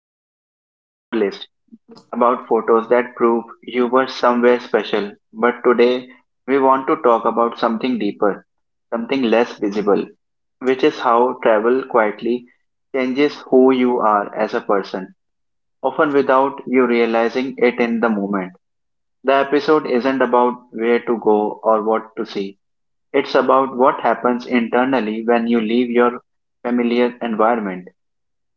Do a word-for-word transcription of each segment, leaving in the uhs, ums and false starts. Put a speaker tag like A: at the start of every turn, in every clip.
A: places off our list, about photos that prove you were somewhere special. But today, we want to talk about something deeper, something less visible, which is how travel quietly changes who you are as a person, often without you realizing it in the moment. The episode isn't about where to go or what to see. It's about what happens internally when you leave your familiar environment,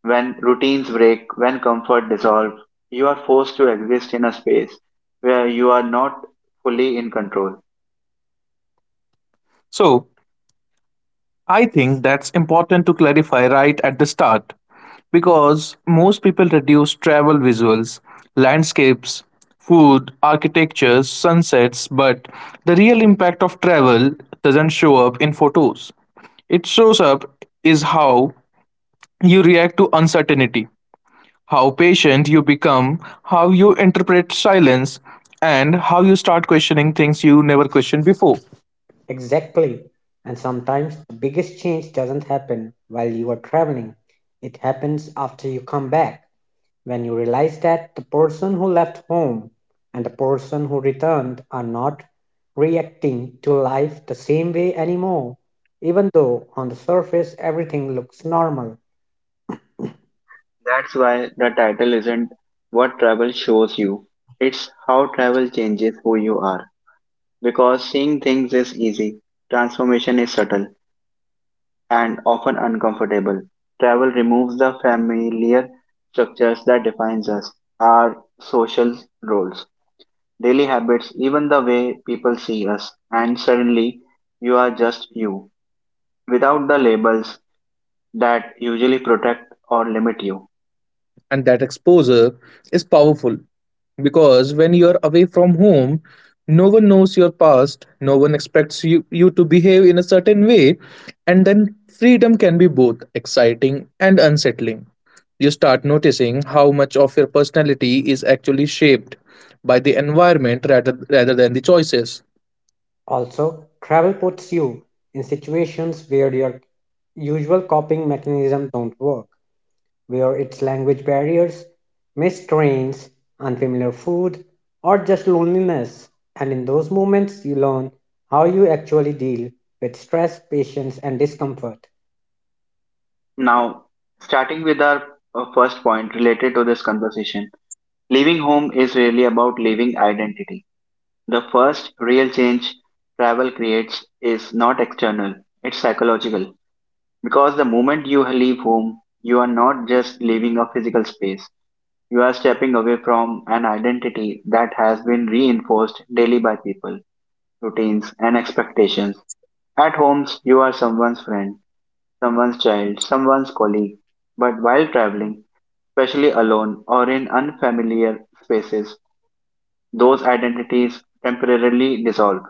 A: when routines break, when comfort dissolves. You are forced to exist in a space where you are not fully in control.
B: So, I think that's important to clarify right at the start because most people reduce travel visuals, landscapes, food, architectures, sunsets, but the real impact of travel doesn't show up in photos. It shows up is how you react to uncertainty, how patient you become, how you interpret silence, and how you start questioning things you never questioned before.
C: Exactly. And sometimes the biggest change doesn't happen while you are traveling. It happens after you come back, when you realize that the person who left home and the person who returned are not reacting to life the same way anymore, even though on the surface everything looks normal.
A: That's why the title isn't what travel shows you, it's how travel changes who you are. Because seeing things is easy, transformation is subtle and often uncomfortable. Travel removes the familiar structures that defines us, our social roles, daily habits, even the way people see us, and suddenly you are just you, without the labels that usually protect or limit you.
B: And that exposure is powerful because when you're away from home, no one knows your past, no one expects you, you to behave in a certain way, and then freedom can be both exciting and unsettling. You start noticing how much of your personality is actually shaped by the environment rather rather than the choices.
C: Also, travel puts you in situations where your usual coping mechanisms don't work. Were its language barriers, missed trains, unfamiliar food, or just loneliness. And in those moments, you learn how you actually deal with stress, patience, and discomfort.
A: Now, starting with our uh, first point related to this conversation, leaving home is really about leaving identity. The first real change travel creates is not external, it's psychological. Because the moment you leave home, you are not just leaving a physical space, you are stepping away from an identity that has been reinforced daily by people, routines, and expectations. At home, you are someone's friend, someone's child, someone's colleague. But while traveling, especially alone or in unfamiliar spaces, those identities temporarily dissolve.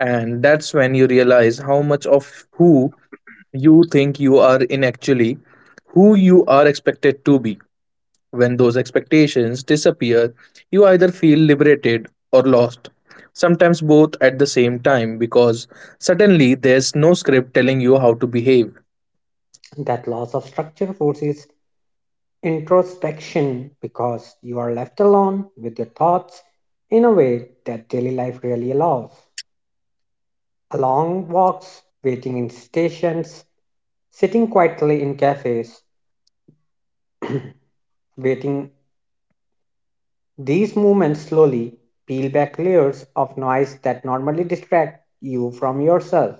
B: And that's when you realize how much of who you think you are in actually who you are expected to be. When those expectations disappear, you either feel liberated or lost, sometimes both at the same time, because suddenly there's no script telling you how to behave.
C: That loss of structure forces introspection because you are left alone with your thoughts in a way that daily life really allows. Long walks, waiting in stations, sitting quietly in cafes, waiting. These movements slowly peel back layers of noise that normally distract you from yourself.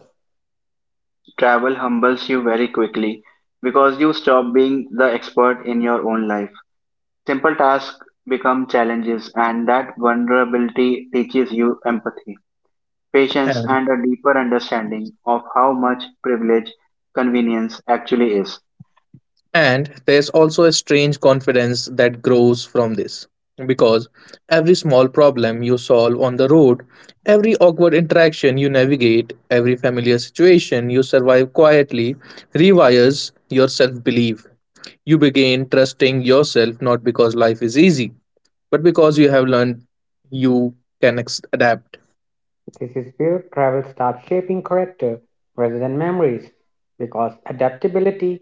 A: Travel humbles you very quickly because you stop being the expert in your own life. Simple tasks become challenges, and that vulnerability teaches you empathy, patience,
B: And,
A: and a deeper understanding of how much privilege convenience actually is.
B: and there's also a strange confidence that grows from this. Because every small problem you solve on the road, every awkward interaction you navigate, every familiar situation you survive quietly rewires your self belief. You begin trusting yourself not because life is easy, but because you have learned you can ex- adapt.
C: This is where travel starts shaping character rather than memories, because adaptability,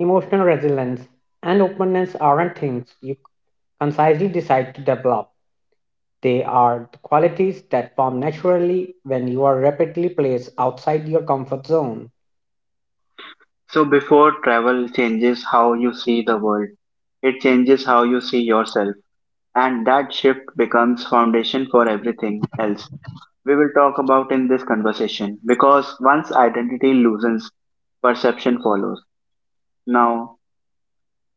C: emotional resilience, and openness aren't things you concisely decide to develop. They are the qualities that form naturally when you are rapidly placed outside your comfort zone.
A: So, before travel changes how you see the world, it changes how you see yourself, and that shift becomes foundation for everything else we will talk about in this conversation because once identity loosens, perception follows. Now,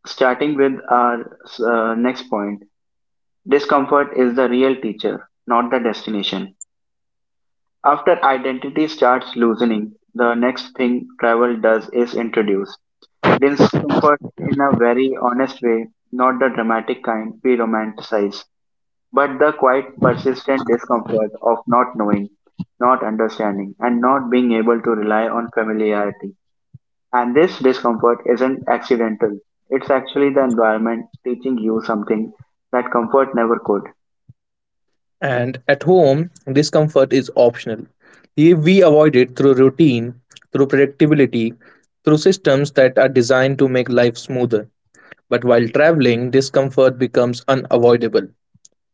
A: starting with our uh, next point, discomfort is the real teacher, not the destination. After identity starts loosening, the next thing travel does is introduce discomfort in a very honest way, not the dramatic kind we romanticize, but the quite persistent discomfort of not knowing, not understanding, and not being able to rely on familiarity. And this discomfort isn't accidental, it's actually the environment teaching you something that comfort never could.
B: And at home, discomfort is optional. We we avoid it through routine, through predictability, through systems that are designed to make life smoother. But while traveling, discomfort becomes unavoidable,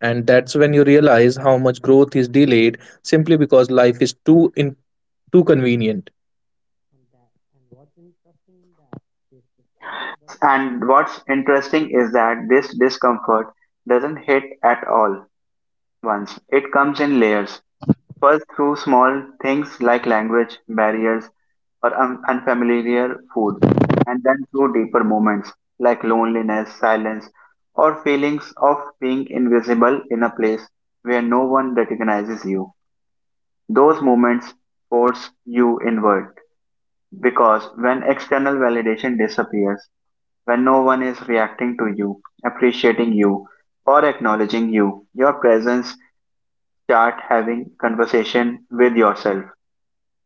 B: and that's when you realize how much growth is delayed simply because life is too in too convenient.
C: And that- and what's interesting in that is this comfort doesn't.
A: And what's interesting is that this discomfort doesn't hit at all once. It comes in layers. First, through small things like language barriers or un- unfamiliar food, and then through deeper moments like loneliness, silence, or feelings of being invisible in a place where no one recognizes you. Those moments force you inward because when external validation disappears, when no one is reacting to you, appreciating you, or acknowledging you, your presence start having conversation with yourself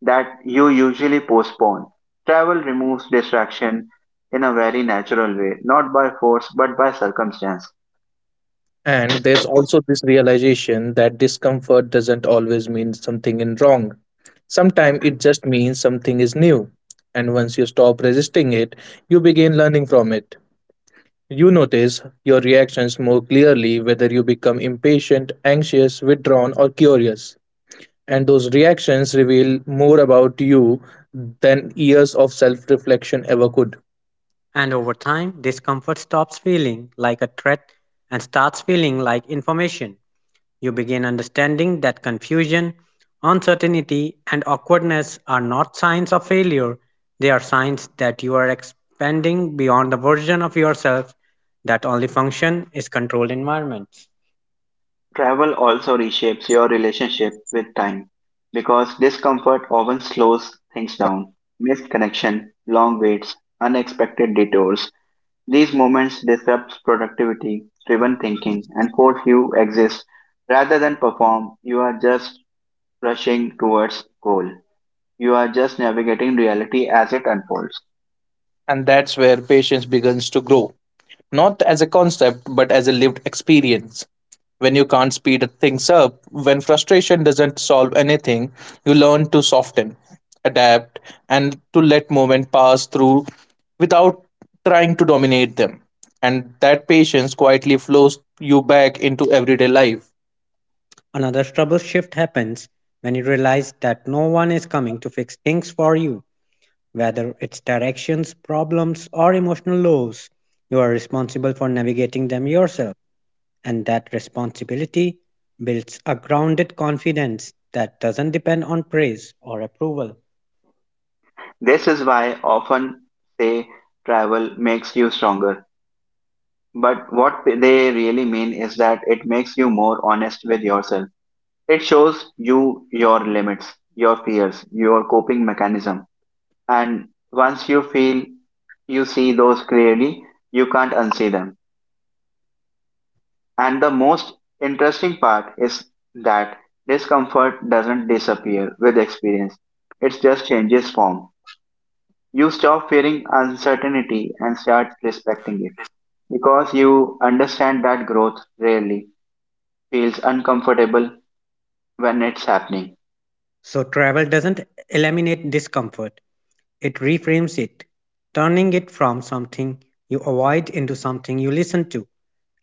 A: that you usually postpone. Travel removes distraction in a very natural way, not by force but by circumstance.
B: And there's also this realization that discomfort doesn't always mean something is wrong. Sometimes it just means something is new. And once you stop resisting it, you begin learning from it. You notice your reactions more clearly, whether you become impatient, anxious, withdrawn, or curious. And those reactions reveal more about you than years of self reflection ever could.
C: And over time, discomfort stops feeling like a threat and starts feeling like information. You begin understanding that confusion, uncertainty, and awkwardness are not signs of failure, they are signs that you are expanding beyond the version of yourself that only function is controlled environments.
A: Travel also reshapes your relationship with time because discomfort often slows things down. Missed connection, long waits, unexpected detours, these moments disrupt productivity driven thinking and force you exist rather than perform. You are just rushing towards goal. You are just navigating reality as it unfolds.
B: And that's where patience begins to grow, not as a concept, but as a lived experience. When you can't speed things up, when frustration doesn't solve anything, you learn to soften, adapt, and to let moments pass through without trying to dominate them. And that patience quietly flows you back into everyday life.
C: Another trouble shift happens when you realize that no one is coming to fix things for you. Whether it's directions, problems, or emotional lows, you are responsible for navigating them yourself. And that responsibility builds a grounded confidence that doesn't depend on praise or approval.
A: This is why often say travel makes you stronger. But what they really mean is that it makes you more honest with yourself. It shows you your limits, your fears, your coping mechanism. And once you feel you see those clearly, you can't unsee them. And the most interesting part is that discomfort doesn't disappear with experience, it just changes form. You stop fearing uncertainty and start respecting it because you understand that growth rarely feels uncomfortable when it's happening.
C: So, travel doesn't eliminate discomfort, it reframes it, turning it from something you avoid into something you listen to.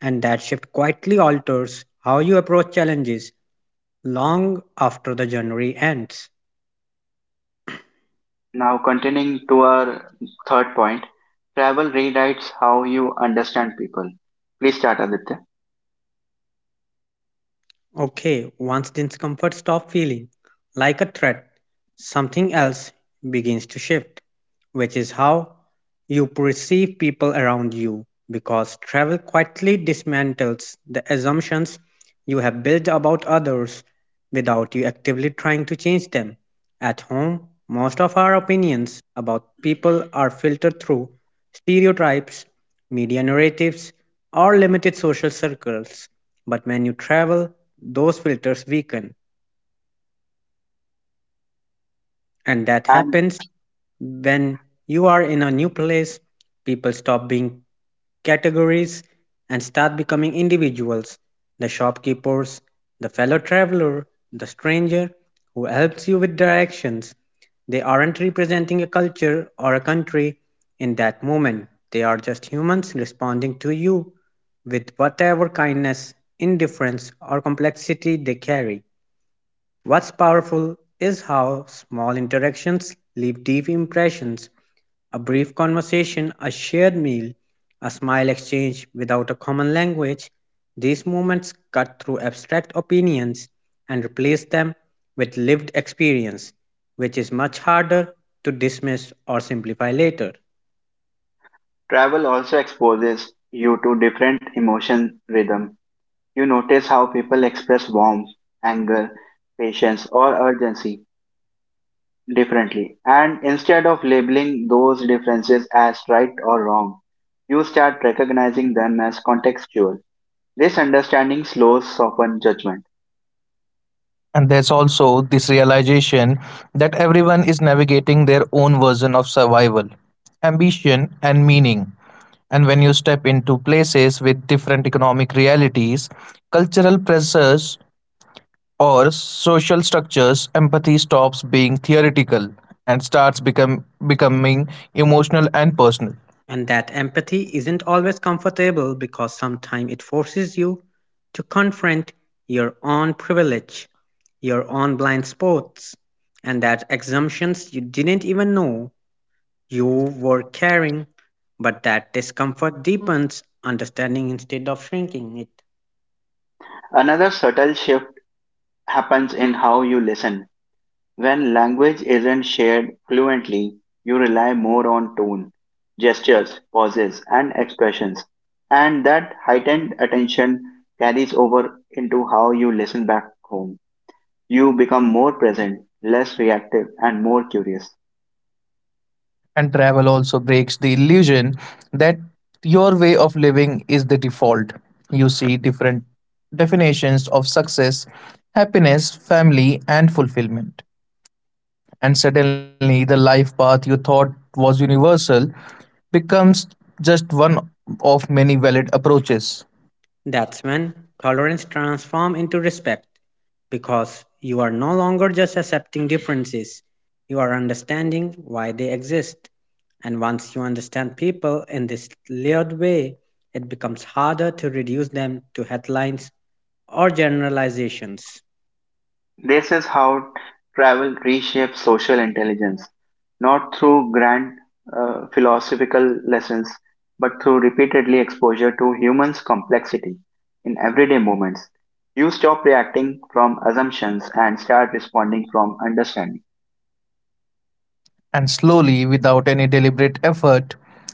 C: And that shift quietly alters how you approach challenges long after the journey ends.
A: Now, continuing to our third point, travel rewrites how you understand people. Please start, Aditya.
C: Okay, once discomfort stops feeling like a threat, something else begins to shift, which is how you perceive people around you because travel quietly dismantles the assumptions you have built about others without you actively trying to change them. At home, most of our opinions about people are filtered through stereotypes, media narratives, or limited social circles. But when you travel, those filters weaken. And that
A: And
C: happens when you are in a new place, people stop being categories and start becoming individuals: the shopkeepers, the fellow traveler, the stranger who helps you with directions. They aren't representing a culture or a country in that moment. They are just humans responding to you with whatever kindness, indifference, or complexity they carry. What's powerful is how small interactions leave deep impressions: a brief conversation, a shared meal, a smile exchange without a common language, these moments cut through abstract opinions and replace them with lived experience, which is much harder to dismiss or simplify later.
A: travel also exposes you to different emotion rhythm. You notice how people express warmth, anger, patience, or urgency differently. And instead of labeling those differences as right or wrong, you start recognizing them as contextual. This understanding slows soften judgment.
B: And there's also this realization that everyone is navigating their own version of survival, ambition, and meaning. And when you step into places with different economic realities, cultural pressures, or social structures, empathy stops being theoretical and starts become, becoming emotional and personal.
C: And that empathy isn't always comfortable because sometimes it forces you to confront your own privilege, your own blind spots, and that assumptions you didn't even know you were caring, but that discomfort deepens understanding instead of shrinking it.
A: Another subtle shift happens in how you listen. When language isn't shared fluently, you rely more on tone, gestures, pauses, and expressions, and that heightened attention carries over into how you listen back home. You become more present, less reactive, and more curious.
B: And travel also breaks the illusion that your way of living is the default. You see different definitions of success, happiness, family, and fulfillment. And suddenly, the life path you thought was universal becomes just one of many valid approaches.
C: That's when tolerance transforms into respect because you are no longer just accepting differences, you are understanding why they exist. And once you understand people in this layered way, it becomes harder to reduce them to headlines or generalizations.
A: This is how travel reshapes social intelligence, not through grand uh, philosophical lessons, but through repeatedly exposure to humans' complexity in everyday moments. You stop reacting from assumptions and start responding from understanding.
B: And slowly, without any deliberate effort,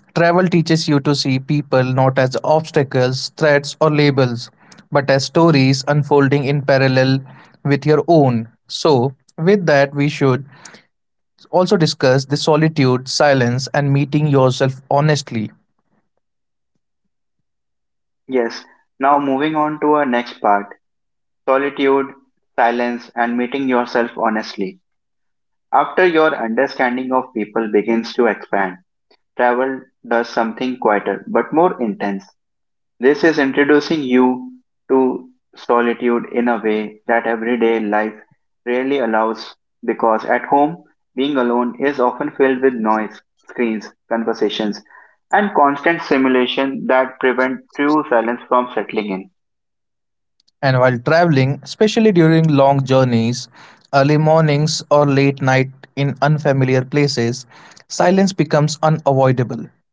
B: travel teaches you to see people not as obstacles, threats, or labels, but as stories unfolding in parallel with your own. So, with that, we should also discuss the solitude, silence, and meeting yourself honestly.
A: Yes, now moving on to our next part, solitude, silence, and meeting yourself honestly. After your understanding of people begins to expand, travel does something quieter but more intense. This is introducing you to solitude in a way that everyday life rarely allows because at home, being alone is often filled with noise, screens, conversations, and constant stimulation that prevent true silence from settling in.
B: And while traveling, especially during long journeys, early mornings, or late night in unfamiliar places, silence becomes unavoidable.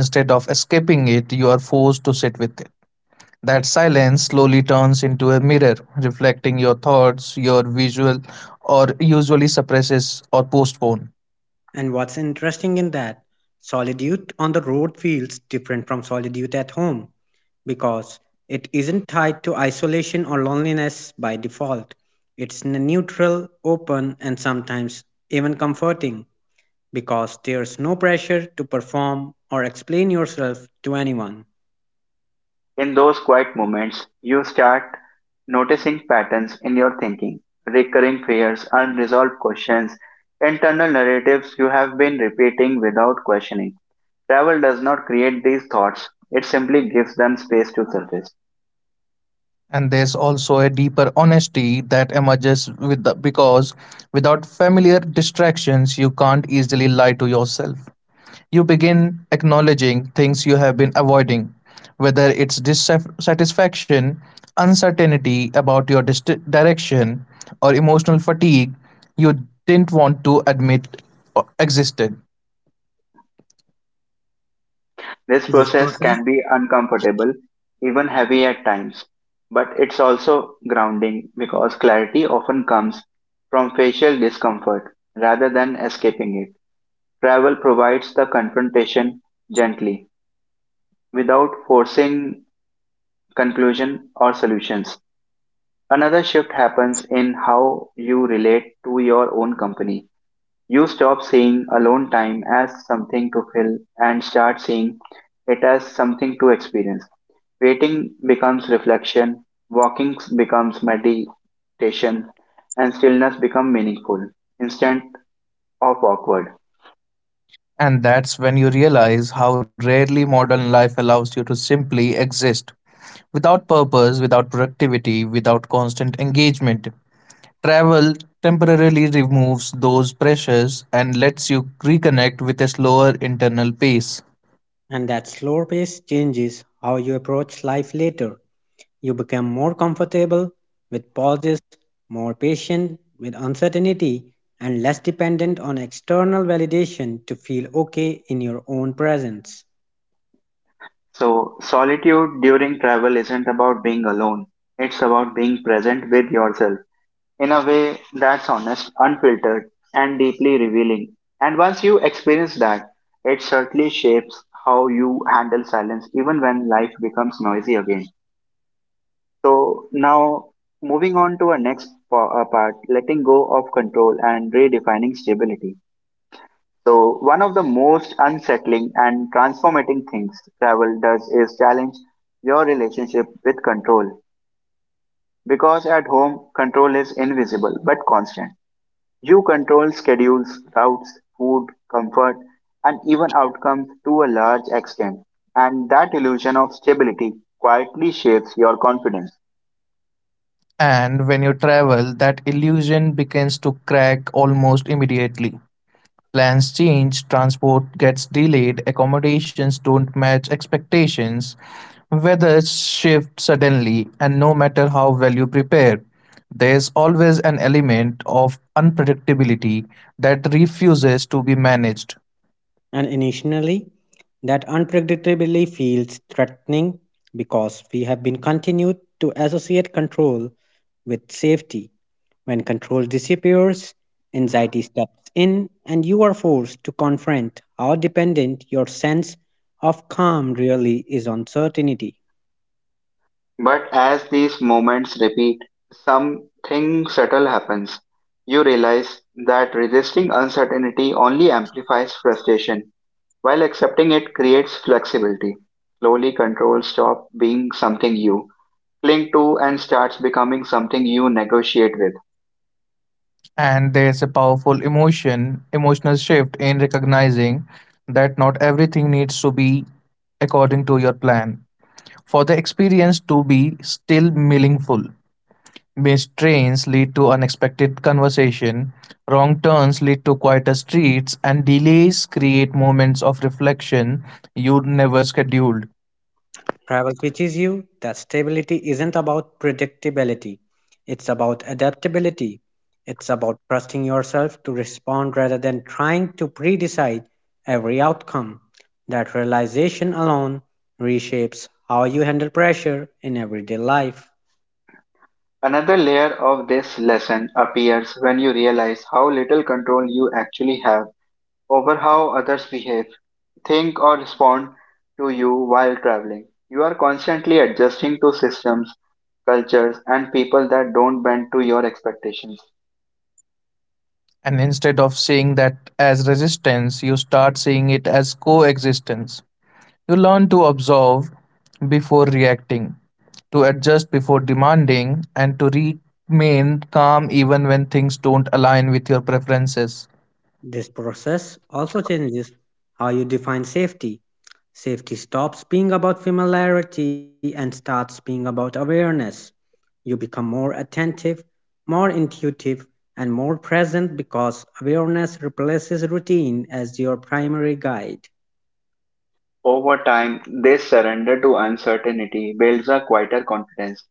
B: And instead of escaping it, you are forced to sit with it. That silence slowly turns into a mirror, reflecting your thoughts, your visual, or usually suppresses or postpone.
C: And what's interesting in that, solitude on the road feels different from solitude at home because it isn't tied to isolation or loneliness by default. It's n- neutral, open, and sometimes even comforting because there's no pressure to perform or explain yourself to anyone.
A: In those quiet moments, you start noticing patterns in your thinking, recurring fears, unresolved questions, internal narratives you have been repeating without questioning. Travel does not create these thoughts, it simply gives them space to surface.
B: And there's also a deeper honesty that emerges with the, because without familiar distractions, you can't easily lie to yourself. You begin acknowledging things you have been avoiding, whether it's dissatisfaction, uncertainty about your dist- direction, or emotional fatigue you didn't want to admit uh, existed.
A: This
C: This
A: process
C: process
A: can be uncomfortable, even heavy at times, but it's also grounding because clarity often comes from facial discomfort rather than escaping it. Travel provides the confrontation gently, without forcing conclusion or solutions. Another shift happens in how you relate to your own company. You stop seeing alone time as something to fill and start seeing it as something to experience. Waiting becomes reflection, walking becomes meditation, and stillness becomes meaningful instead of awkward.
B: And that's when you realize how rarely modern life allows you to simply exist without purpose, without productivity, without constant engagement. Travel temporarily removes those pressures and lets you reconnect with a slower internal pace.
C: and that slower pace changes how you approach life later. You become more comfortable with pauses, more patient with uncertainty, and less dependent on external validation to feel okay in your own presence.
A: So, solitude during travel isn't about being alone, it's about being present with yourself in a way that's honest, unfiltered, and deeply revealing. And once you experience that, it certainly shapes how you handle silence even when life becomes noisy again. So now moving on to our next pa- uh, part, letting go of control and redefining stability. So one of the most unsettling and transformating things travel does is challenge your relationship with control because at home control is invisible but constant. You control schedules, routes, food, comfort, and even outcomes to a large extent. And that illusion of stability quietly shapes your confidence.
B: And when you travel, that illusion begins to crack almost immediately. Plans change, transport gets delayed, accommodations don't match expectations, weather shifts suddenly, and no matter how well you prepare, there's always an element of unpredictability that refuses to be managed.
C: And initially, that unpredictability feels threatening because we have been continued to associate control with safety. When control disappears, anxiety steps in, and you are forced to confront how dependent your sense of calm really is on certainty.
A: But as these moments repeat, something subtle happens. You realize that resisting uncertainty only amplifies frustration, while accepting it creates flexibility. Slowly, control stops being something you cling to and starts becoming something you negotiate with.
B: And there's a powerful emotion, emotional shift in recognizing that not everything needs to be according to your plan for the experience to be still meaningful. Missed trains lead to unexpected conversation, wrong turns lead to quieter streets, and delays create moments of reflection you never scheduled.
C: Travel teaches you that stability isn't about predictability, it's about adaptability. It's about trusting yourself to respond rather than trying to pre decide every outcome. That realization alone reshapes how you handle pressure in everyday life.
A: Another layer of this lesson appears when you realize how little control you actually have over how others behave, think, or respond to you while traveling. You are constantly adjusting to systems, cultures, and people that don't bend to your expectations.
B: And instead of seeing that as resistance, you start seeing it as coexistence. You learn to observe before reacting, to adjust before demanding, and to remain calm even when things don't align with your preferences.
C: This process also changes how you define safety. Safety stops being about familiarity and starts being about awareness. You become more attentive, more intuitive, and more present because awareness replaces routine as your primary guide.
A: Over time, this surrender to uncertainty builds a quieter confidence,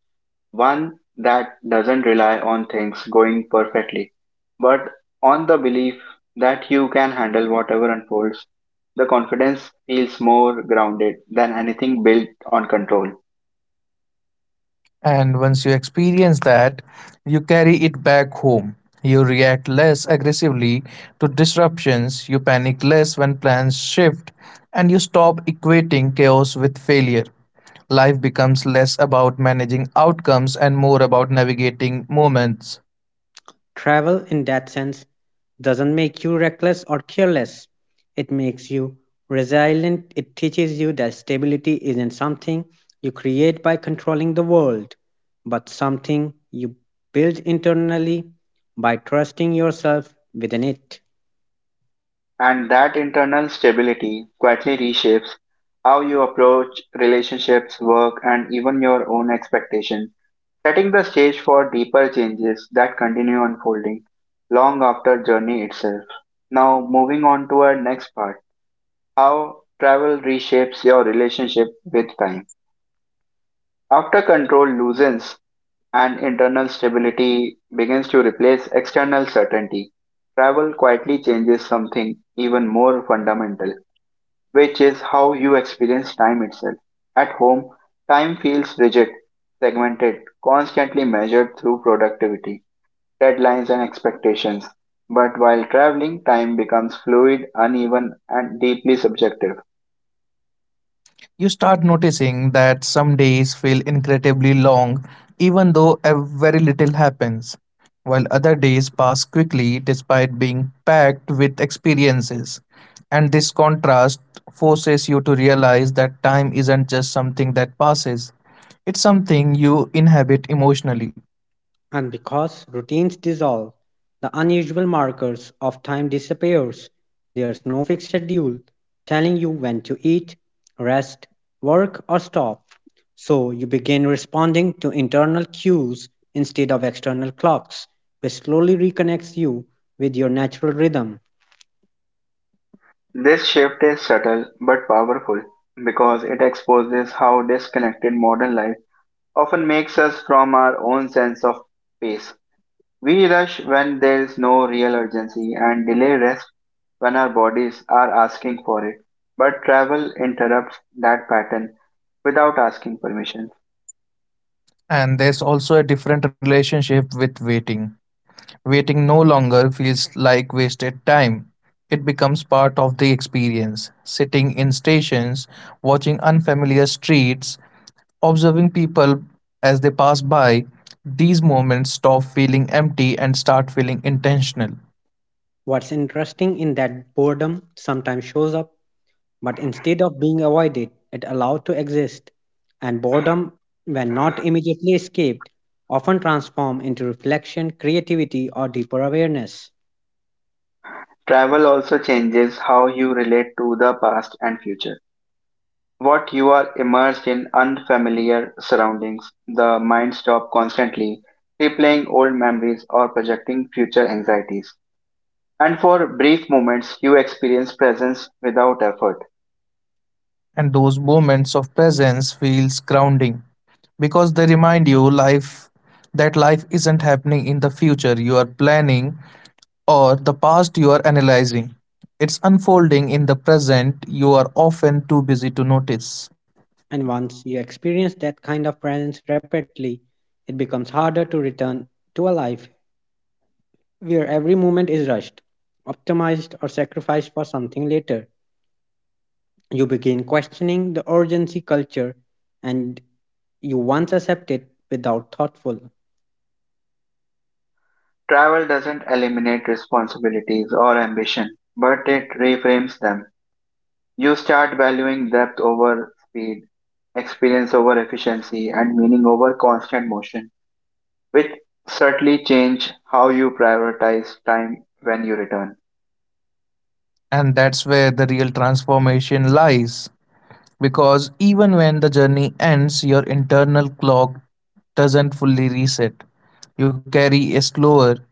A: one that doesn't rely on things going perfectly, but on the belief that you can handle whatever unfolds. The confidence feels more grounded than anything built on control.
B: And once you experience that, you carry it back home. You react less aggressively to disruptions, you panic less when plans shift, and you stop equating chaos with failure. Life becomes less about managing outcomes and more about navigating moments.
C: Travel, in that sense, doesn't make you reckless or careless. It makes you resilient. It teaches you that stability isn't something you create by controlling the world, but something you build internally by trusting yourself within it.
A: And that internal stability quietly reshapes how you approach relationships, work, and even your own expectations, setting the stage for deeper changes that continue unfolding long after journey itself. Now moving on to our next part, how travel reshapes your relationship with time. After control loosens and internal stability begins to replace external certainty, travel quietly changes something even more fundamental, which is how you experience time itself. At home, time feels rigid, segmented, constantly measured through productivity, deadlines, and expectations. But while traveling, time becomes fluid, uneven, and deeply subjective.
B: You start noticing that some days feel incredibly long, even though a very little happens, while other days pass quickly despite being packed with experiences. And this contrast forces you to realize that time isn't just something that passes, it's something you inhabit emotionally.
C: And because routines dissolve, the unusual markers of time disappears. There's no fixed schedule telling you when to eat, rest, work or stop. So you begin responding to internal cues instead of external clocks, which slowly reconnects you with your natural rhythm.
A: This shift is subtle but powerful because it exposes how disconnected modern life often makes us from our own sense of pace. We rush when there is no real urgency and delay rest when our bodies are asking for it. But travel interrupts that pattern without asking permission.
B: And there's also a different relationship with waiting. Waiting no longer feels like wasted time. It becomes part of the experience. Sitting in stations, watching unfamiliar streets, observing people as they pass by, these moments stop feeling empty and start feeling intentional.
C: What's interesting in that boredom sometimes shows up. But instead of being avoided, it allowed to exist, and boredom, when not immediately escaped, often transform into reflection, creativity, or deeper awareness.
A: Travel also changes how you relate to the past and future. What you are immersed in unfamiliar surroundings. The mind stops constantly replaying old memories or projecting future anxieties. And for brief moments, you experience presence without effort.
B: And those moments of presence feels grounding because they remind you life that life isn't happening in the future you are planning or the past you are analyzing. It's unfolding in the present you are often too busy to notice.
C: And once you experience that kind of presence repeatedly, it becomes harder to return to a life where every moment is rushed, optimized, or sacrificed for something later. You begin questioning the urgency culture and you once accepted without thoughtful.
A: Travel doesn't eliminate responsibilities or ambition, but it reframes them. You start valuing depth over speed, experience over efficiency, and meaning over constant motion, which certainly change how you prioritize time when you return.
B: And that's where the real transformation lies. Because even when the journey ends, your internal clock doesn't fully reset. You carry a slower,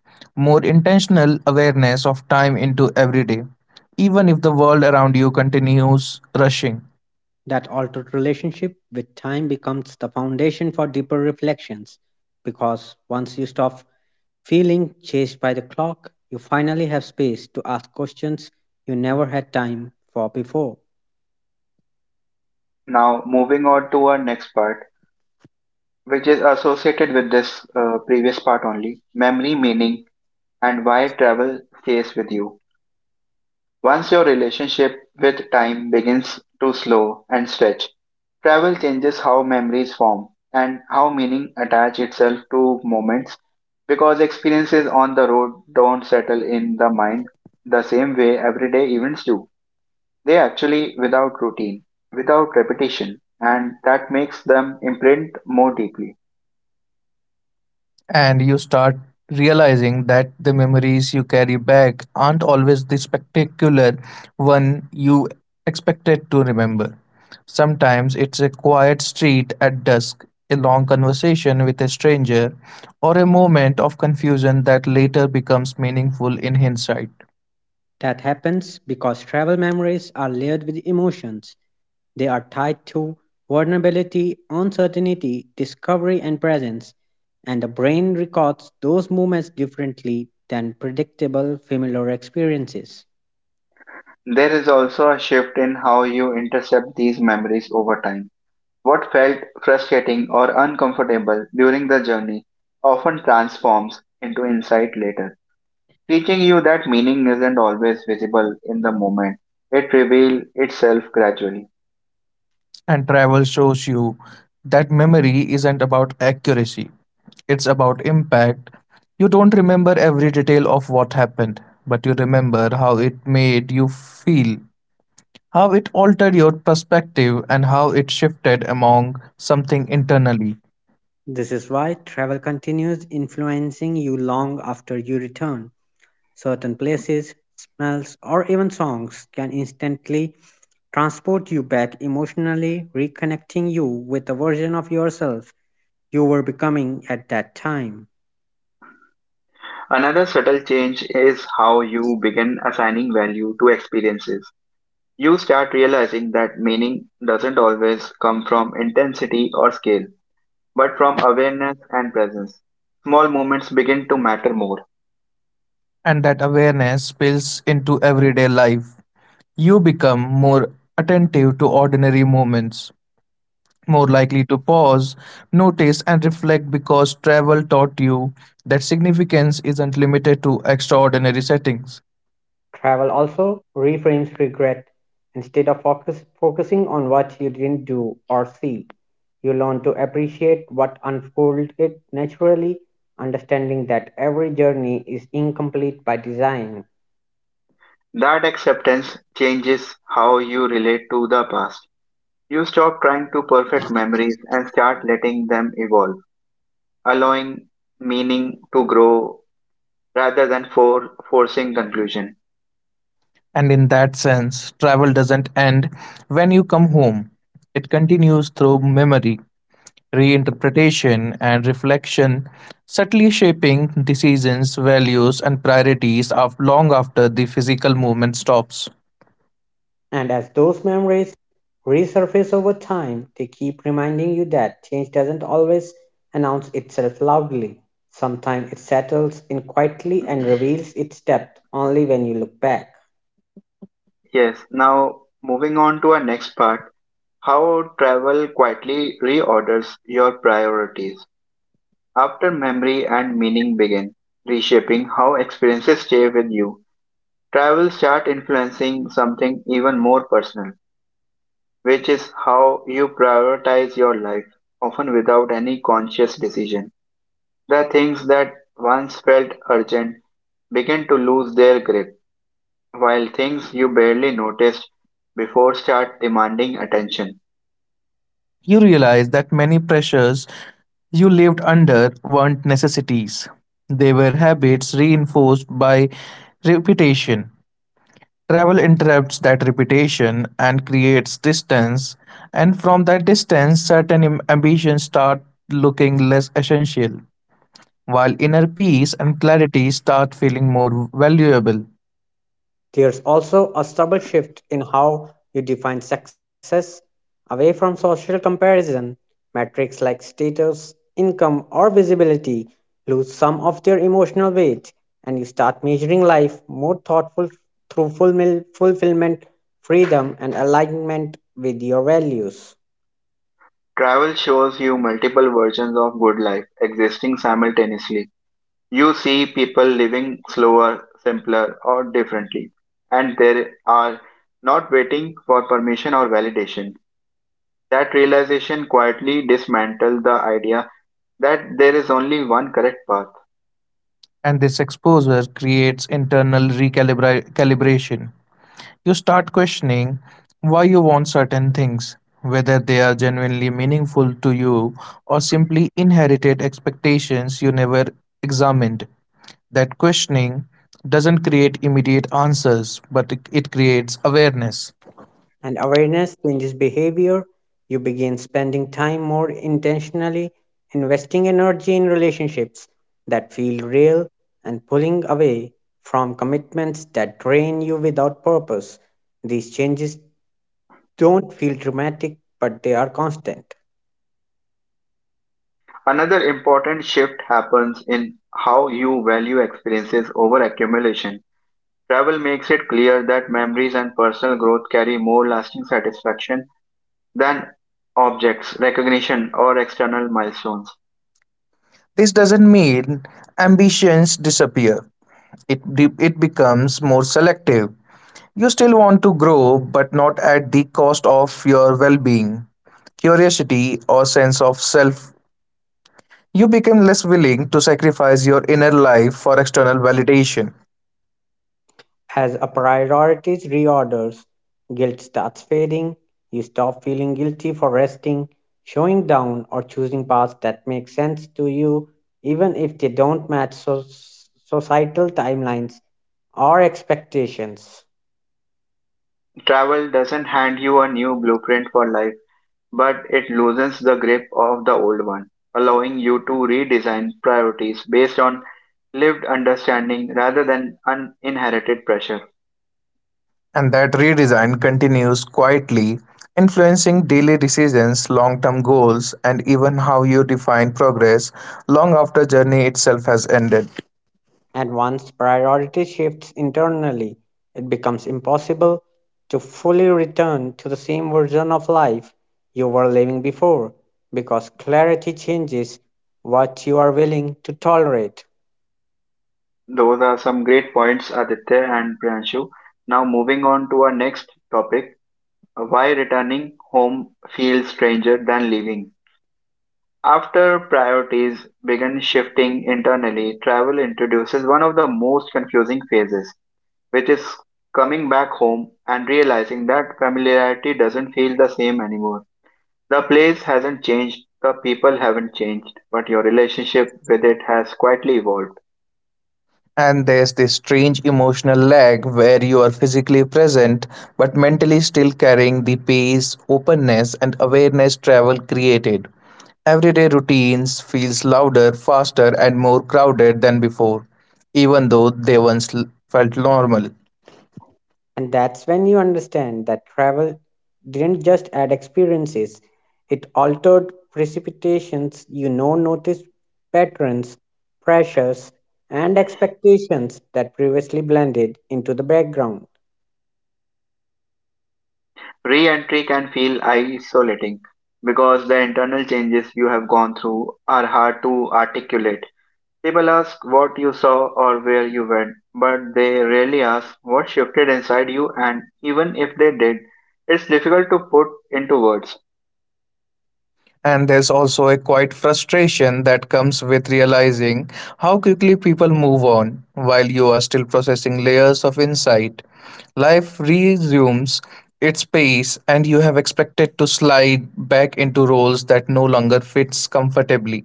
B: more intentional awareness of time into every day, even if the world around you continues rushing.
C: That altered relationship with time becomes the foundation for deeper reflections because once you stop feeling chased by the clock, you finally have space to ask questions you never had time for before.
A: Now, moving on to our next part, which is associated with this uh, previous part only, memory, meaning, and why travel stays with you. Once your relationship with time begins to slow and stretch, travel changes how memories form and how meaning attach itself to moments because experiences on the road don't settle in the mind the same way everyday events do. They actually without routine, without repetition, and that makes them imprint more deeply.
B: And you start realizing that the memories you carry back aren't always the spectacular one you expected to remember. Sometimes it's a quiet street at dusk, a long conversation with a stranger, or a moment of confusion that later becomes meaningful in hindsight.
C: That happens because travel memories are layered with emotions. They are tied to vulnerability, uncertainty, discovery, and presence, and the brain records those moments differently than predictable familiar experiences.
A: There is also a shift in how you intercept these memories over time. What felt frustrating or uncomfortable during the journey often transforms into insight later, teaching you that meaning isn't always visible in the moment. It reveals itself gradually.
B: And travel shows you that memory isn't about accuracy, it's about impact. You don't remember every detail of what happened, but you remember how it made you feel, how it altered your perspective, and how it shifted among something internally.
C: This is why travel continues influencing you long after you return. Certain places, smells, or even songs can instantly transport you back emotionally, reconnecting you with a version of yourself you were becoming at that time.
A: Another subtle change is how you begin assigning value to experiences. You start realizing that meaning doesn't always come from intensity or scale, but from awareness and presence. Small moments begin to matter more.
B: And that awareness spills into everyday life. You become more attentive to ordinary moments, more likely to pause, notice, and reflect because travel taught you that significance isn't limited to extraordinary settings.
C: Travel also reframes regret. Instead of focus, focusing on what you didn't do or see, you learn to appreciate what unfolded naturally, understanding that every journey is incomplete by design.
A: That acceptance changes how you relate to the past. You stop trying to perfect memories and start letting them evolve, allowing meaning to grow rather than for forcing conclusion.
B: And in that sense, travel doesn't end when you come home. It continues through memory, reinterpretation, and reflection, subtly shaping decisions, values, and priorities of long after the physical movement stops.
C: And as those memories resurface over time, they keep reminding you that change doesn't always announce itself loudly. Sometimes it settles in quietly and reveals its depth only when you look back.
A: Yes, now moving on to our next part: how travel quietly reorders your priorities. After memory and meaning begin reshaping how experiences stay with you, travel start influencing something even more personal, which is how you prioritize your life, often without any conscious decision. The things that once felt urgent begin to lose their grip, while things you barely noticed before start demanding attention.
B: You realize that many pressures you lived under weren't necessities, they were habits reinforced by repetition. Travel interrupts that repetition and creates distance, and from that distance, certain im- ambitions start looking less essential, while inner peace and clarity start feeling more valuable.
C: There's also a subtle shift in how you define success away from social comparison. Metrics like status, income, or visibility lose some of their emotional weight, and you start measuring life more thoughtful through fulmil- fulfillment, freedom, and alignment with your values.
A: Travel shows you multiple versions of good life existing simultaneously. You see people living slower, simpler, or differently, and they are not waiting for permission or validation. That realization quietly dismantles the idea that there is only one correct path.
B: And this exposure creates internal recalibration. You start questioning why you want certain things, whether they are genuinely meaningful to you or simply inherited expectations you never examined. That questioning doesn't create immediate answers, but it- creates awareness.
C: And awareness changes behavior. You begin spending time more intentionally, investing energy in relationships that feel real, and pulling away from commitments that drain you without purpose. These changes don't feel dramatic, but they are constant.
A: Another important shift happens in how you value experiences over accumulation. Travel makes it clear that memories and personal growth carry more lasting satisfaction than objects, recognition, or external milestones.
B: This doesn't mean ambitions disappear. It, it becomes more selective. You still want to grow, but not at the cost of your well being, curiosity, or sense of self. You become less willing to sacrifice your inner life for external validation.
C: As a priorities reorders, guilt starts fading. You stop feeling guilty for resting, showing down, or choosing paths that make sense to you, even if they don't match so- societal timelines or expectations.
A: Travel doesn't hand you a new blueprint for life, but it loosens the grip of the old one, allowing you to redesign priorities based on lived understanding rather than un- inherited pressure.
B: And that redesign continues quietly, influencing daily decisions, long term goals, and even how you define progress long after journey itself has ended.
C: And once priority shifts internally, it becomes impossible to fully return to the same version of life you were living before because clarity changes what you are willing to tolerate.
A: Those are some great points, Aditya and Priyanshu. Now, moving on to our next topic: uh, why returning home feels stranger than leaving. After priorities begin shifting internally, travel introduces one of the most confusing phases, which is coming back home and realizing that familiarity doesn't feel the same anymore. The place hasn't changed, the people haven't changed, but your relationship with it has quietly evolved.
B: And there's this strange emotional lag where you are physically present but mentally still carrying the pace, openness, and awareness travel created. Everyday routines feels louder, faster, and more crowded than before, even though they once l- felt normal.
C: And that's when you understand that travel didn't just add experiences, it altered precipitations you know noticed patterns, pressures, and expectations that previously blended into the background.
A: Re entry can feel isolating because the internal changes you have gone through are hard to articulate. People ask what you saw or where you went, but they rarely ask what shifted inside you, and even if they did, it's difficult to put into words.
B: And there's also a quiet frustration that comes with realizing how quickly people move on while you are still processing layers of insight. Life resumes its pace, and you have expected to slide back into roles that no longer fits comfortably.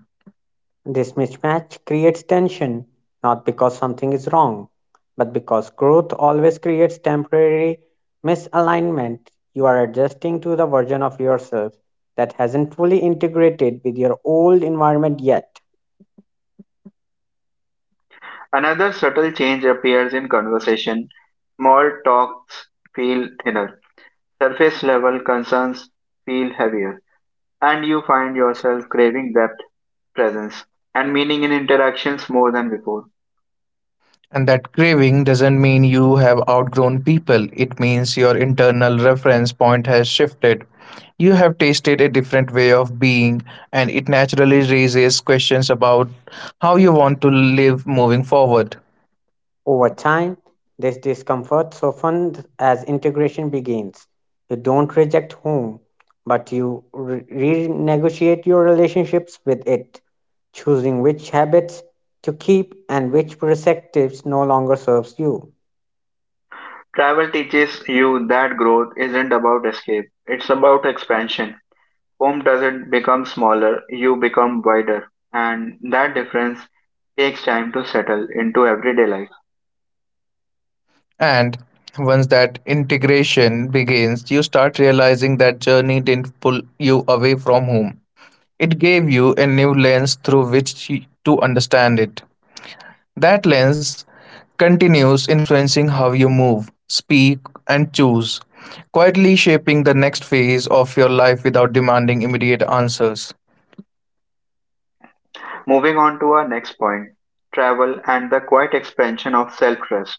C: This mismatch creates tension not because something is wrong, but because growth always creates temporary misalignment. You are adjusting to the version of yourself that hasn't fully integrated with your old environment yet.
A: Another subtle change appears in conversation. Small talks feel thinner, surface level concerns feel heavier, and you find yourself craving depth, presence, and meaning in interactions more than before.
B: And that craving doesn't mean you have outgrown people, it means your internal reference point has shifted. You have tasted a different way of being, and it naturally raises questions about how you want to live moving forward.
C: Over time, this discomfort softens as integration begins. You don't reject home, but you re- renegotiate your relationships with it, choosing which habits to keep and which perspectives no longer serves you.
A: Travel teaches you that growth isn't about escape, it's about expansion. Home doesn't become smaller, you become wider, and that difference takes time to settle into everyday life.
B: And once that integration begins, you start realizing that journey didn't pull you away from home. It gave you a new lens through which to understand it. That lens continues influencing how you move, speak, and choose, quietly shaping the next phase of your life without demanding immediate answers.
A: Moving on to our next point: travel and the quiet expansion of self trust.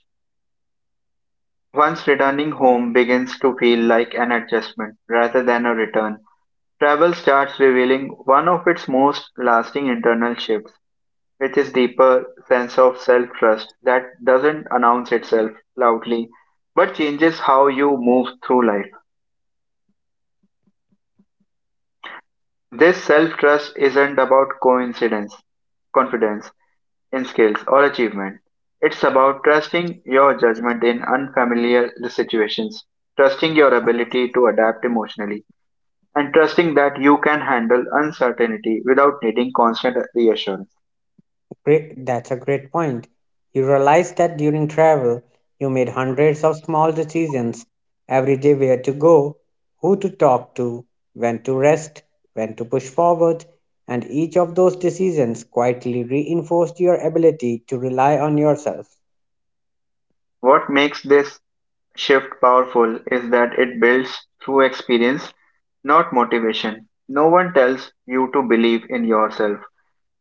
A: Once returning home begins to feel like an adjustment rather than a return, travel starts revealing one of its most lasting internal shifts, which is deeper sense of self trust that doesn't announce itself loudly but changes how you move through life. This self-trust isn't about coincidence, confidence in skills or achievement. It's about trusting your judgment in unfamiliar situations, trusting your ability to adapt emotionally, and trusting that you can handle uncertainty without needing constant reassurance.
C: Great, that's a great point. You realize that during travel, you made hundreds of small decisions every day where to go, who to talk to, when to rest, when to push forward, and each of those decisions quietly reinforced your ability to rely on yourself.
A: What makes this shift powerful is that it builds through experience, not motivation. No one tells you to believe in yourself.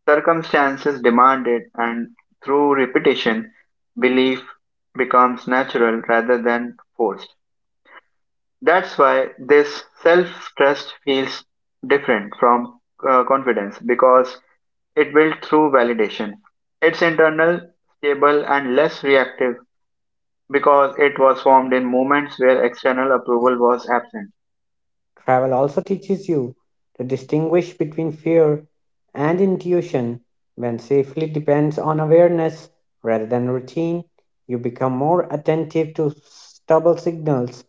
A: Circumstances demand it, and through repetition, belief becomes natural rather than forced. That's why this self trust feels different from uh, confidence because it built through validation. It's internal, stable, and less reactive because it was formed in moments where external approval was absent.
C: Travel also teaches you to distinguish between fear and intuition. When safely depends on awareness rather than routine, you become more attentive to stubble signals,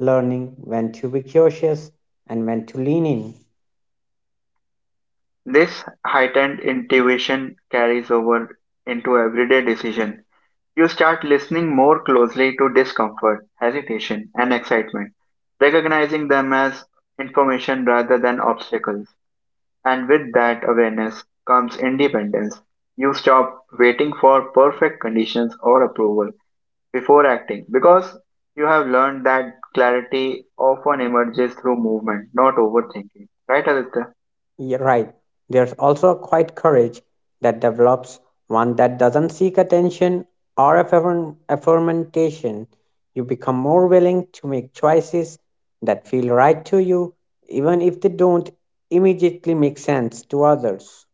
C: learning when to be cautious and when to lean in.
A: This heightened intuition carries over into everyday decision. You start listening more closely to discomfort, hesitation, and excitement, recognizing them as information rather than obstacles. And with that awareness comes independence. You stop waiting for perfect conditions or approval before acting because you have learned that clarity often emerges through movement, not overthinking. Right, Aditya?
C: Yeah, right. There's also a quiet courage that develops, one that doesn't seek attention or affirm- affirmation. You become more willing to make choices that feel right to you, even if they don't immediately make sense to others.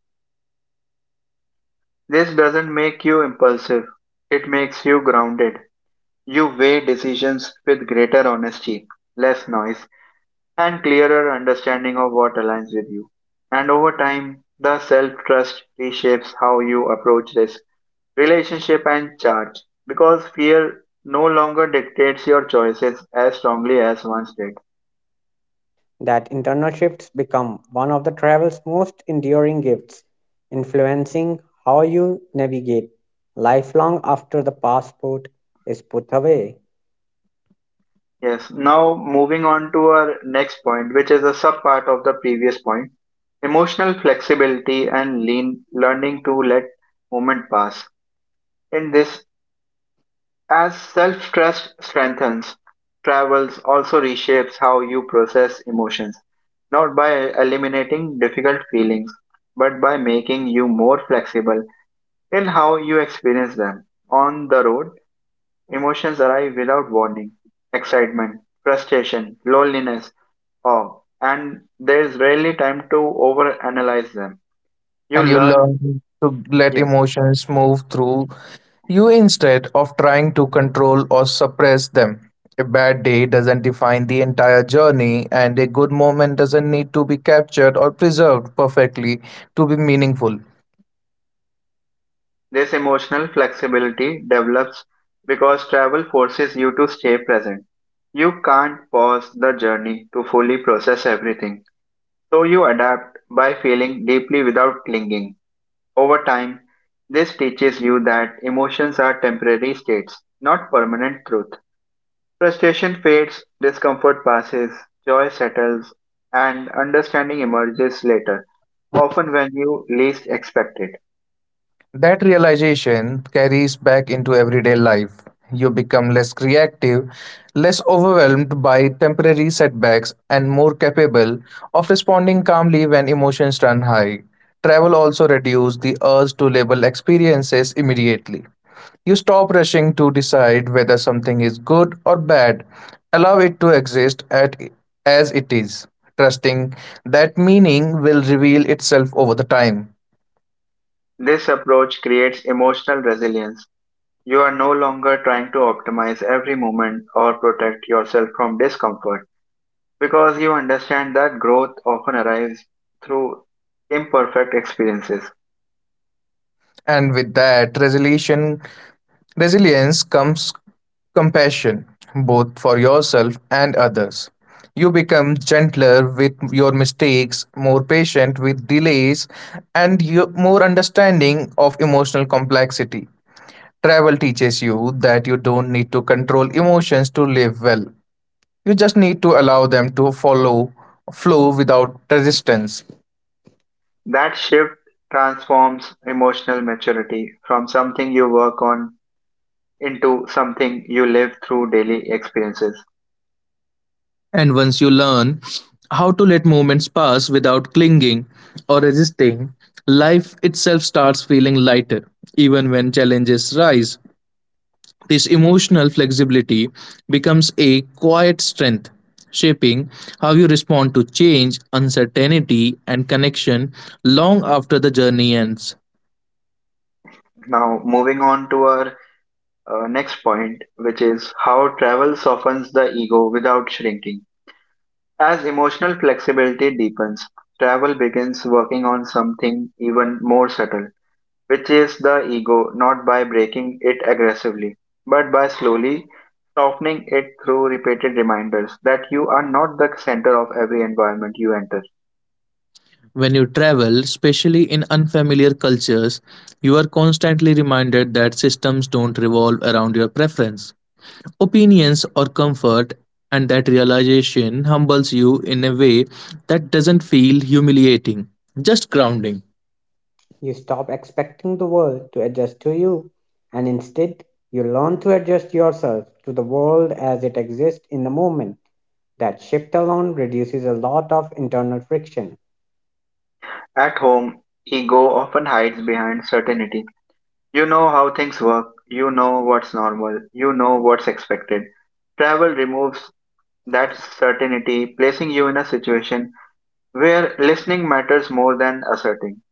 A: This doesn't make you impulsive. It makes you grounded. You weigh decisions with greater honesty, less noise, and clearer understanding of what aligns with you. And over time, the self trust reshapes how you approach risk, relationship, and charge because fear no longer dictates your choices as strongly as once did.
C: That internal shifts become one of the travel's most enduring gifts, influencing how you navigate lifelong after the passport is put away.
A: Yes. Now moving on to our next point, which is a subpart of the previous point: emotional flexibility and lean learning to let moment pass. In this, as self-trust strengthens, travels also reshapes how you process emotions, not by eliminating difficult feelings, but by making you more flexible in how you experience them. On the road, emotions arrive without warning: excitement, frustration, loneliness, awe, and there's rarely time to overanalyze them. You
B: And you
A: learn,
B: learn to let
A: yes,
B: emotions move through you instead of trying to control or suppress them. A bad day doesn't define the entire journey, and a good moment doesn't need to be captured or preserved perfectly to be meaningful.
A: this emotional flexibility develops because travel forces you to stay present. You can't pause the journey to fully process everything, so you adapt by feeling deeply without clinging. Over time, this teaches you that emotions are temporary states, not permanent truth. Frustration fades, discomfort passes, joy settles, and understanding emerges later, often when you least expect it.
B: That realization carries back into everyday life. You become less reactive, less overwhelmed by temporary setbacks, and more capable of responding calmly when emotions run high. Travel also reduces the urge to label experiences immediately. You stop rushing to decide whether something is good or bad. Allow it to exist at, as it is, trusting that meaning will reveal itself over the time.
A: This approach creates emotional resilience. You are no longer trying to optimize every moment or protect yourself from discomfort because you understand that growth often arrives through imperfect experiences.
B: And with that resolution, resilience comes compassion, both for yourself and others. You become gentler with your mistakes, more patient with delays, and you, more understanding of emotional complexity. Travel teaches you that you don't need to control emotions to live well. You just need to allow them to follow flow without resistance.
A: That shift transforms emotional maturity from something you work on into something you live through daily experiences.
B: And once you learn how to let moments pass without clinging or resisting, life itself starts feeling lighter, even when challenges rise. This emotional flexibility becomes a quiet strength, shaping how you respond to change, uncertainty, and connection long after the journey ends.
A: Now, moving on to our uh, next point, which is how travel softens the ego without shrinking. As emotional flexibility deepens, travel begins working on something even more subtle, which is the ego, not by breaking it aggressively, but by slowly softening it through repeated reminders that you are not the center of every environment you enter.
B: When you travel, especially in unfamiliar cultures, you are constantly reminded that systems don't revolve around your preference opinions or comfort, and that realization humbles you in a way that doesn't feel humiliating, just grounding.
C: You stop expecting the world to adjust to you, and instead, you learn to adjust yourself to the world as it exists in the moment. That shift alone reduces a lot of internal friction.
A: At home, ego often hides behind certainty. You know how things work. You know what's normal. You know what's expected. Travel removes that certainty, placing you in a situation where listening matters more than asserting.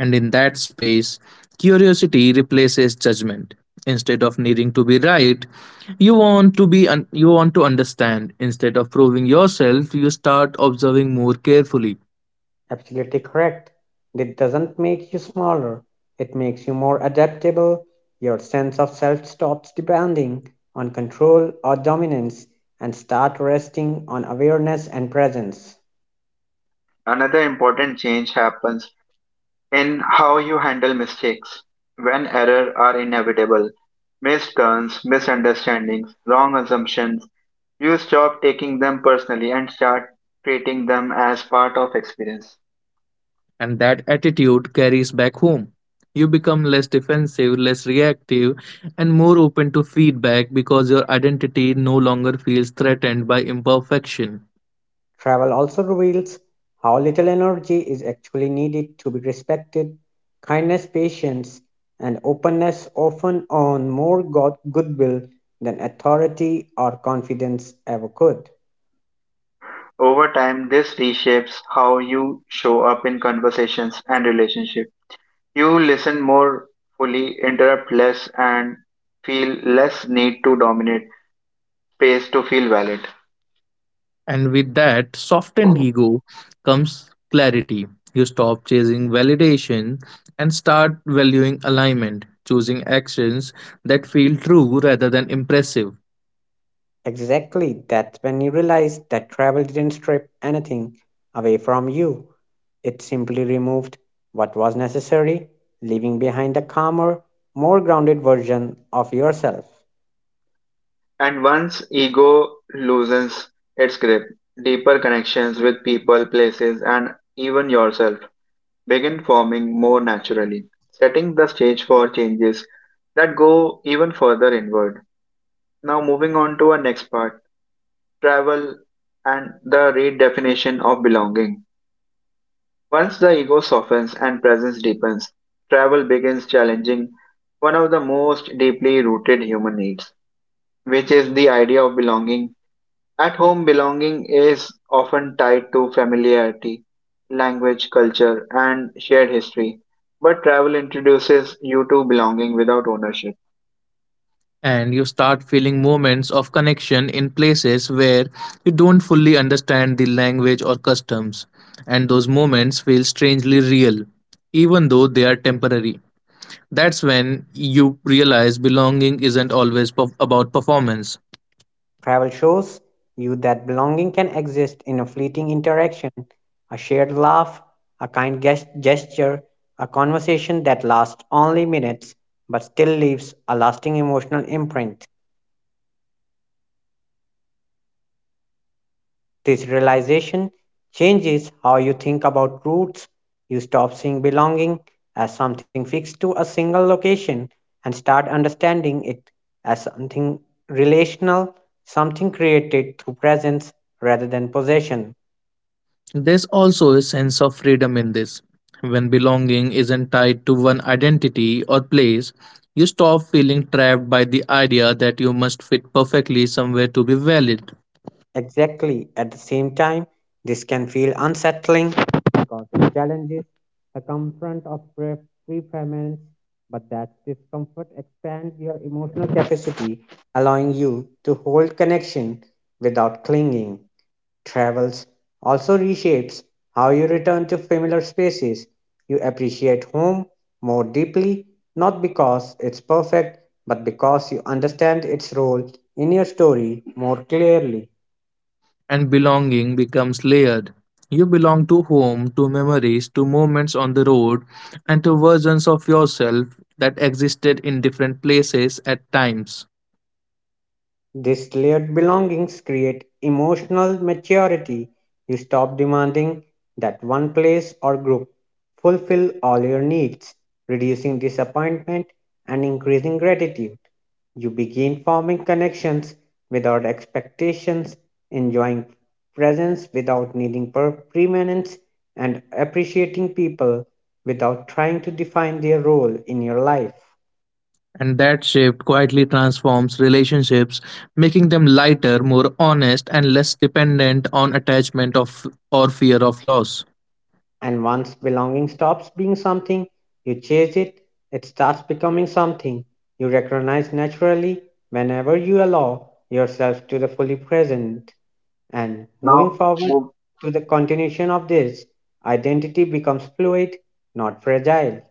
B: And in that space, curiosity replaces judgment. Instead of needing to be right, you want to be un- you want to understand. Instead of proving yourself, you start observing more carefully.
C: Absolutely correct. It doesn't make you smaller, it makes you more adaptable. Your sense of self stops depending on control or dominance and start resting on awareness and presence.
A: Another important change happens in how you handle mistakes. When errors are inevitable, missed turns, misunderstandings, wrong assumptions, you stop taking them personally and start treating them as part of experience.
B: And that attitude carries back home. You become less defensive, less reactive, and more open to feedback because your identity no longer feels threatened by imperfection.
C: Travel also reveals how little energy is actually needed to be respected. Kindness, patience, and openness often earn more go- goodwill than authority or confidence ever could.
A: Over time, this reshapes how you show up in conversations and relationships. You listen more fully, interrupt less, and feel less need to dominate space to feel valid.
B: And with that softened ego comes clarity. You stop chasing validation and start valuing alignment, choosing actions that feel true rather than impressive.
C: Exactly, that's when you realize that travel didn't strip anything away from you. It simply removed what was necessary, leaving behind a calmer, more grounded version of yourself.
A: And once ego loosens its grip, deeper connections with people, places, and even yourself begin forming more naturally, setting the stage for changes that go even further inward. Now, moving on to our next part: travel and the redefinition of belonging. Once the ego softens and presence deepens, travel begins challenging one of the most deeply rooted human needs, which is the idea of belonging. At home, belonging is often tied to familiarity, language, culture, and shared history. But travel introduces you to belonging without ownership.
B: And you start feeling moments of connection in places where you don't fully understand the language or customs, and those moments feel strangely real, even though they are temporary. That's when you realize belonging isn't always perf- about performance.
C: Travel shows you that belonging can exist in a fleeting interaction, a shared laugh, a kind ges- gesture, a conversation that lasts only minutes but still leaves a lasting emotional imprint. This realization changes how you think about roots. You stop seeing belonging as something fixed to a single location and start understanding it as something relational, something created through presence rather than possession.
B: There's also a sense of freedom in this. When belonging isn't tied to one identity or place, you stop feeling trapped by the idea that you must fit perfectly somewhere to be valid.
C: Exactly. At the same time, this can feel unsettling because it challenges the comfort of pre- prepayments, but that discomfort expands your emotional capacity, allowing you to hold connection without clinging. Travels also reshapes how you return to familiar spaces. You appreciate home more deeply, not because it's perfect, but because you understand its role in your story more clearly.
B: And belonging becomes layered. You belong to home, to memories, to moments on the road, and to versions of yourself that existed in different places at times.
C: These layered belongings create emotional maturity. You stop demanding that one place or group fulfill all your needs, reducing disappointment and increasing gratitude. You begin forming connections without expectations, enjoying presence without needing per- permanence, and appreciating people without trying to define their role in your life.
B: And that shift quietly transforms relationships, making them lighter, more honest, and less dependent on attachment of or fear of loss.
C: And once belonging stops being something you chase it, it starts becoming something you recognize naturally whenever you allow yourself to the fully present. And moving
A: Now,
C: forward
A: move.
C: to the continuation of this, identity becomes fluid, not fragile.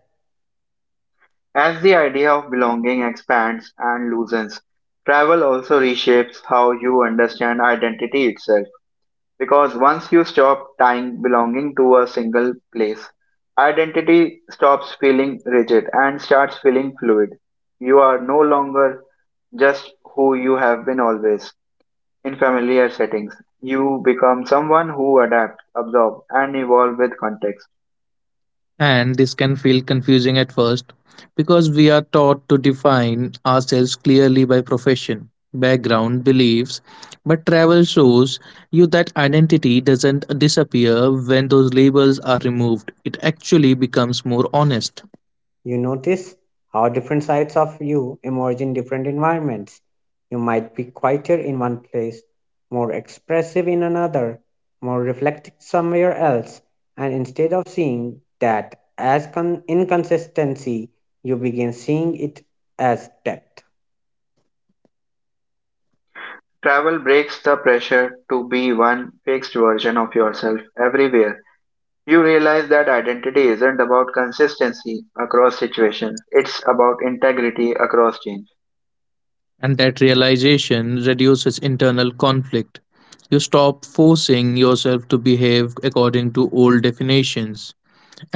A: As the idea of belonging expands and loosens, travel also reshapes how you understand identity itself. Because once you stop tying belonging to a single place, identity stops feeling rigid and starts feeling fluid. You are no longer just who you have been always in familiar settings. You become someone who adapts, absorbs, and evolves with context.
B: And this can feel confusing at first, because we are taught to define ourselves clearly by profession, background, beliefs. But travel shows you that identity doesn't disappear when those labels are removed. It actually becomes more honest.
C: You notice how different sides of you emerge in different environments. You might be quieter in one place, more expressive in another, more reflective somewhere else, and instead of seeing that as con- inconsistency, you begin seeing it as depth.
A: Travel breaks the pressure to be one fixed version of yourself everywhere. You realize that identity isn't about consistency across situations, it's about integrity across change.
B: And that realization reduces internal conflict. You stop forcing yourself to behave according to old definitions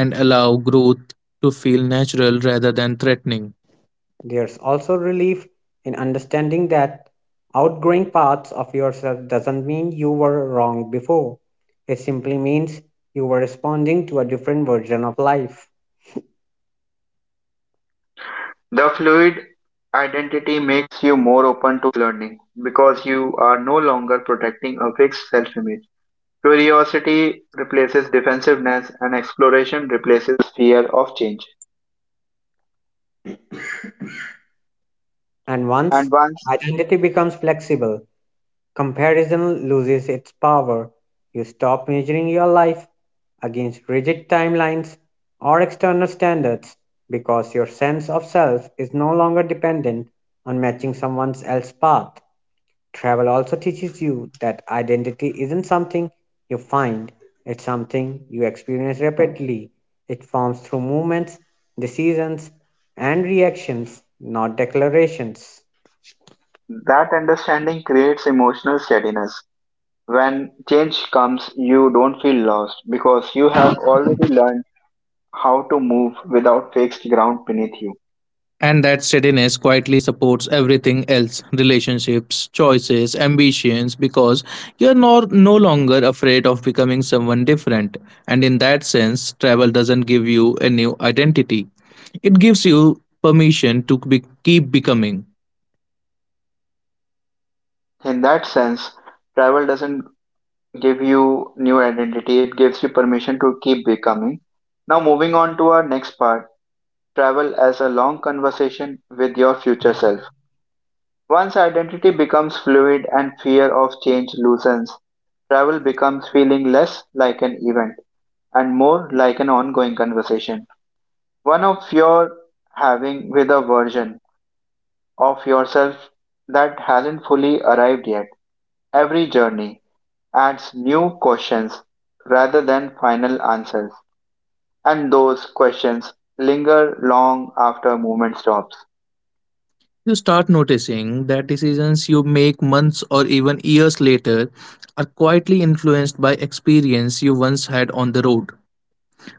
B: and allow growth to feel natural rather than threatening.
C: There's also relief in understanding that outgrowing parts of yourself doesn't mean you were wrong before. It simply means you were responding to a different version of life.
A: The fluid identity makes you more open to learning because you are no longer protecting a fixed self image. Curiosity replaces defensiveness, and exploration replaces fear of change.
C: And
A: And
C: once
A: once
C: identity becomes flexible, comparison loses its power. You stop measuring your life against rigid timelines or external standards because your sense of self is no longer dependent on matching someone else's path. Travel also teaches you that identity isn't something you find, it's something you experience rapidly. It forms through movements, decisions, and reactions, not declarations.
A: that understanding creates emotional steadiness. When change comes, you don't feel lost because you have already learned how to move without fixed ground beneath you.
B: And that steadiness quietly supports everything else, relationships, choices, ambitions, because you're no, no longer afraid of becoming someone different. And in that sense, travel doesn't give you a new identity. It gives you permission to be, keep becoming.
A: In that sense, travel doesn't give you new identity, it gives you permission to keep becoming. Now, moving on to our next part: travel as a long conversation with your future self. Once identity becomes fluid and fear of change loosens, travel becomes feeling less like an event and more like an ongoing conversation. One of your having with a version of yourself that hasn't fully arrived yet. Every journey adds new questions rather than final answers, and those questions linger long after movement stops.
B: You start noticing that decisions you make months or even years later are quietly influenced by experience you once had on the road.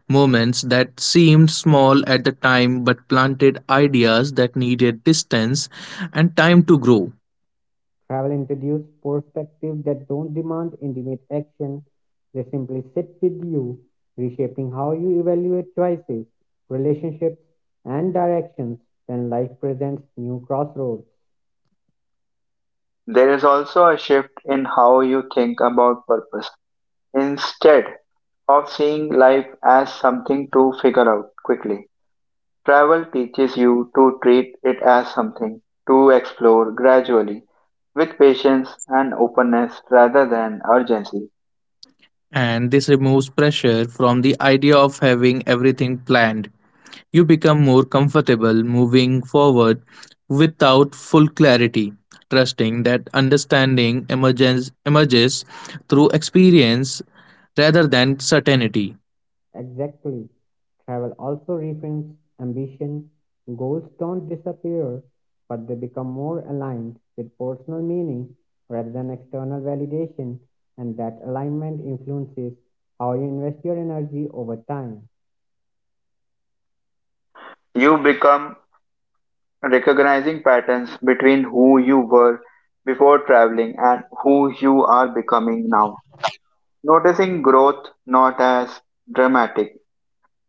B: Moments that seemed small at the time but planted ideas that needed distance and time to grow.
C: Travel introduces perspectives that don't demand intimate action, they simply sit with you, reshaping how you evaluate choices, relationships, and directions when life presents new crossroads.
A: There is also a shift in how you think about purpose. Instead of seeing life as something to figure out quickly, travel teaches you to treat it as something to explore gradually, with patience and openness rather than urgency.
B: And this removes pressure from the idea of having everything planned. You become more comfortable moving forward without full clarity, trusting that understanding emerges, emerges through experience rather than certainty.
C: Exactly. Travel also reframes ambition. Goals don't disappear, but they become more aligned with personal meaning rather than external validation, and that alignment influences how you invest your energy over time.
A: You become recognizing patterns between who you were before traveling and who you are becoming now, noticing growth not as dramatic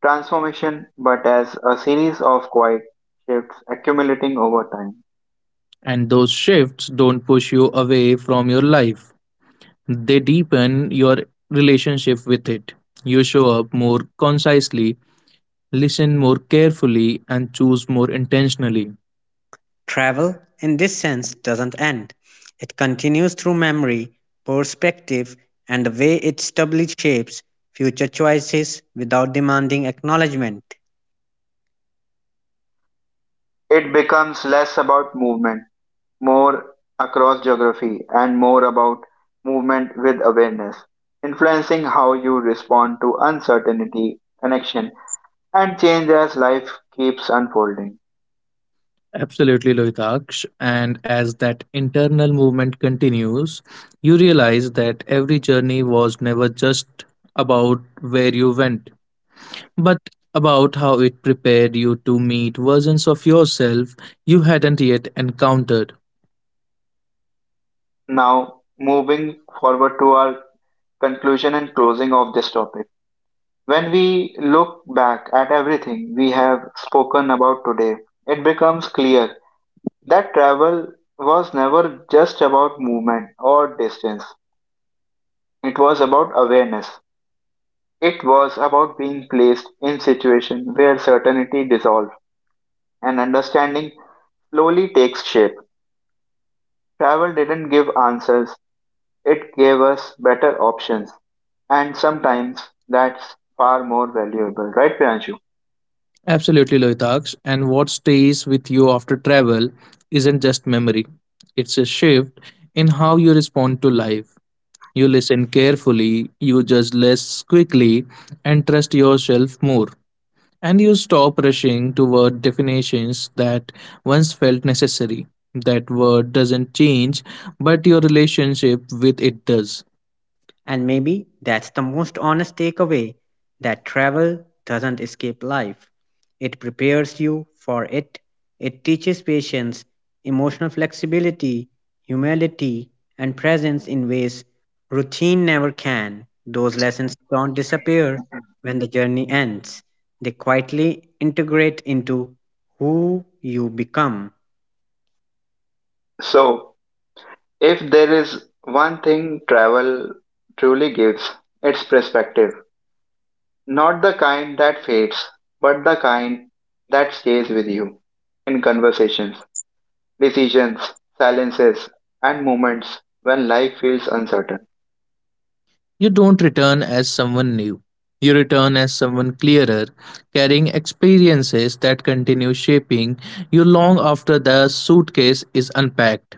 A: transformation but as a series of quiet shifts accumulating over time.
B: And those shifts don't push you away from your life. They deepen your relationship with it. You show up more concisely, listen more carefully, and choose more intentionally.
C: Travel, in this sense, doesn't end. It continues through memory, perspective, and the way it stably shapes future choices without demanding acknowledgement.
A: It becomes less about movement more across geography and more about movement with awareness, influencing how you respond to uncertainty, connection, and change as life keeps unfolding.
B: Absolutely, Lohitaksh. And as that internal movement continues, you realize that every journey was never just about where you went, but about how it prepared you to meet versions of yourself you hadn't yet encountered.
A: Now, moving forward to our conclusion and closing of this topic. When we look back at everything we have spoken about today, it becomes clear that travel was never just about movement or distance. It was about awareness. It was about being placed in situations where certainty dissolves and understanding slowly takes shape. Travel didn't give answers, it gave us better options. And sometimes that's far more valuable, right, Piranshu?
B: Absolutely, Loitaksh. And what stays with you after travel isn't just memory, it's a shift in how you respond to life. You listen carefully, you judge less quickly, and trust yourself more. And you stop rushing toward definitions that once felt necessary. That word doesn't change, but your relationship with it does.
C: And maybe that's the most honest takeaway that travel doesn't escape life. It prepares you for it, it teaches patience, emotional flexibility, humility, and presence in ways routine never can. Those lessons don't disappear when the journey ends, they quietly integrate into who you become.
A: So, if there is one thing travel truly gives, it's perspective. Not the kind that fades, but the kind that stays with you in conversations, decisions, silences, and moments when life feels uncertain.
B: You don't return as someone new. You return as someone clearer, carrying experiences that continue shaping you long after the suitcase is unpacked.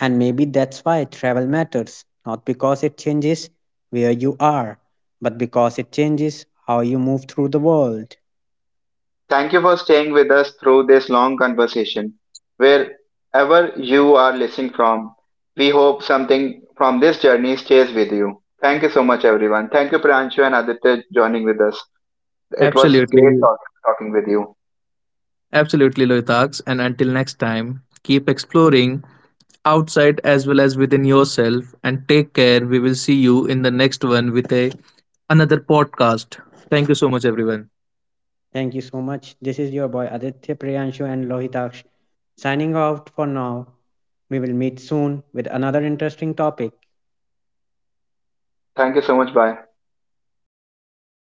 C: And maybe that's why travel matters, not because it changes where you are, but because it changes how you move through the world.
A: Thank you for staying with us through this long conversation. Wherever you are listening from, we hope something from this journey stays with you. Thank you so much, everyone. Thank you, Pranchu and Aditya, joining with us. It was great
B: Absolutely,
A: talk- talking with you.
B: absolutely, Loitaks. And until next time, keep exploring outside as well as within yourself, and take care. We will see you in the next one with a another podcast. Thank you so much, everyone.
C: Thank you so much. This is your boy Aditya Priyanshu and Lohitaksh signing out for now. We will meet soon with another interesting topic.
A: Thank you so much. Bye.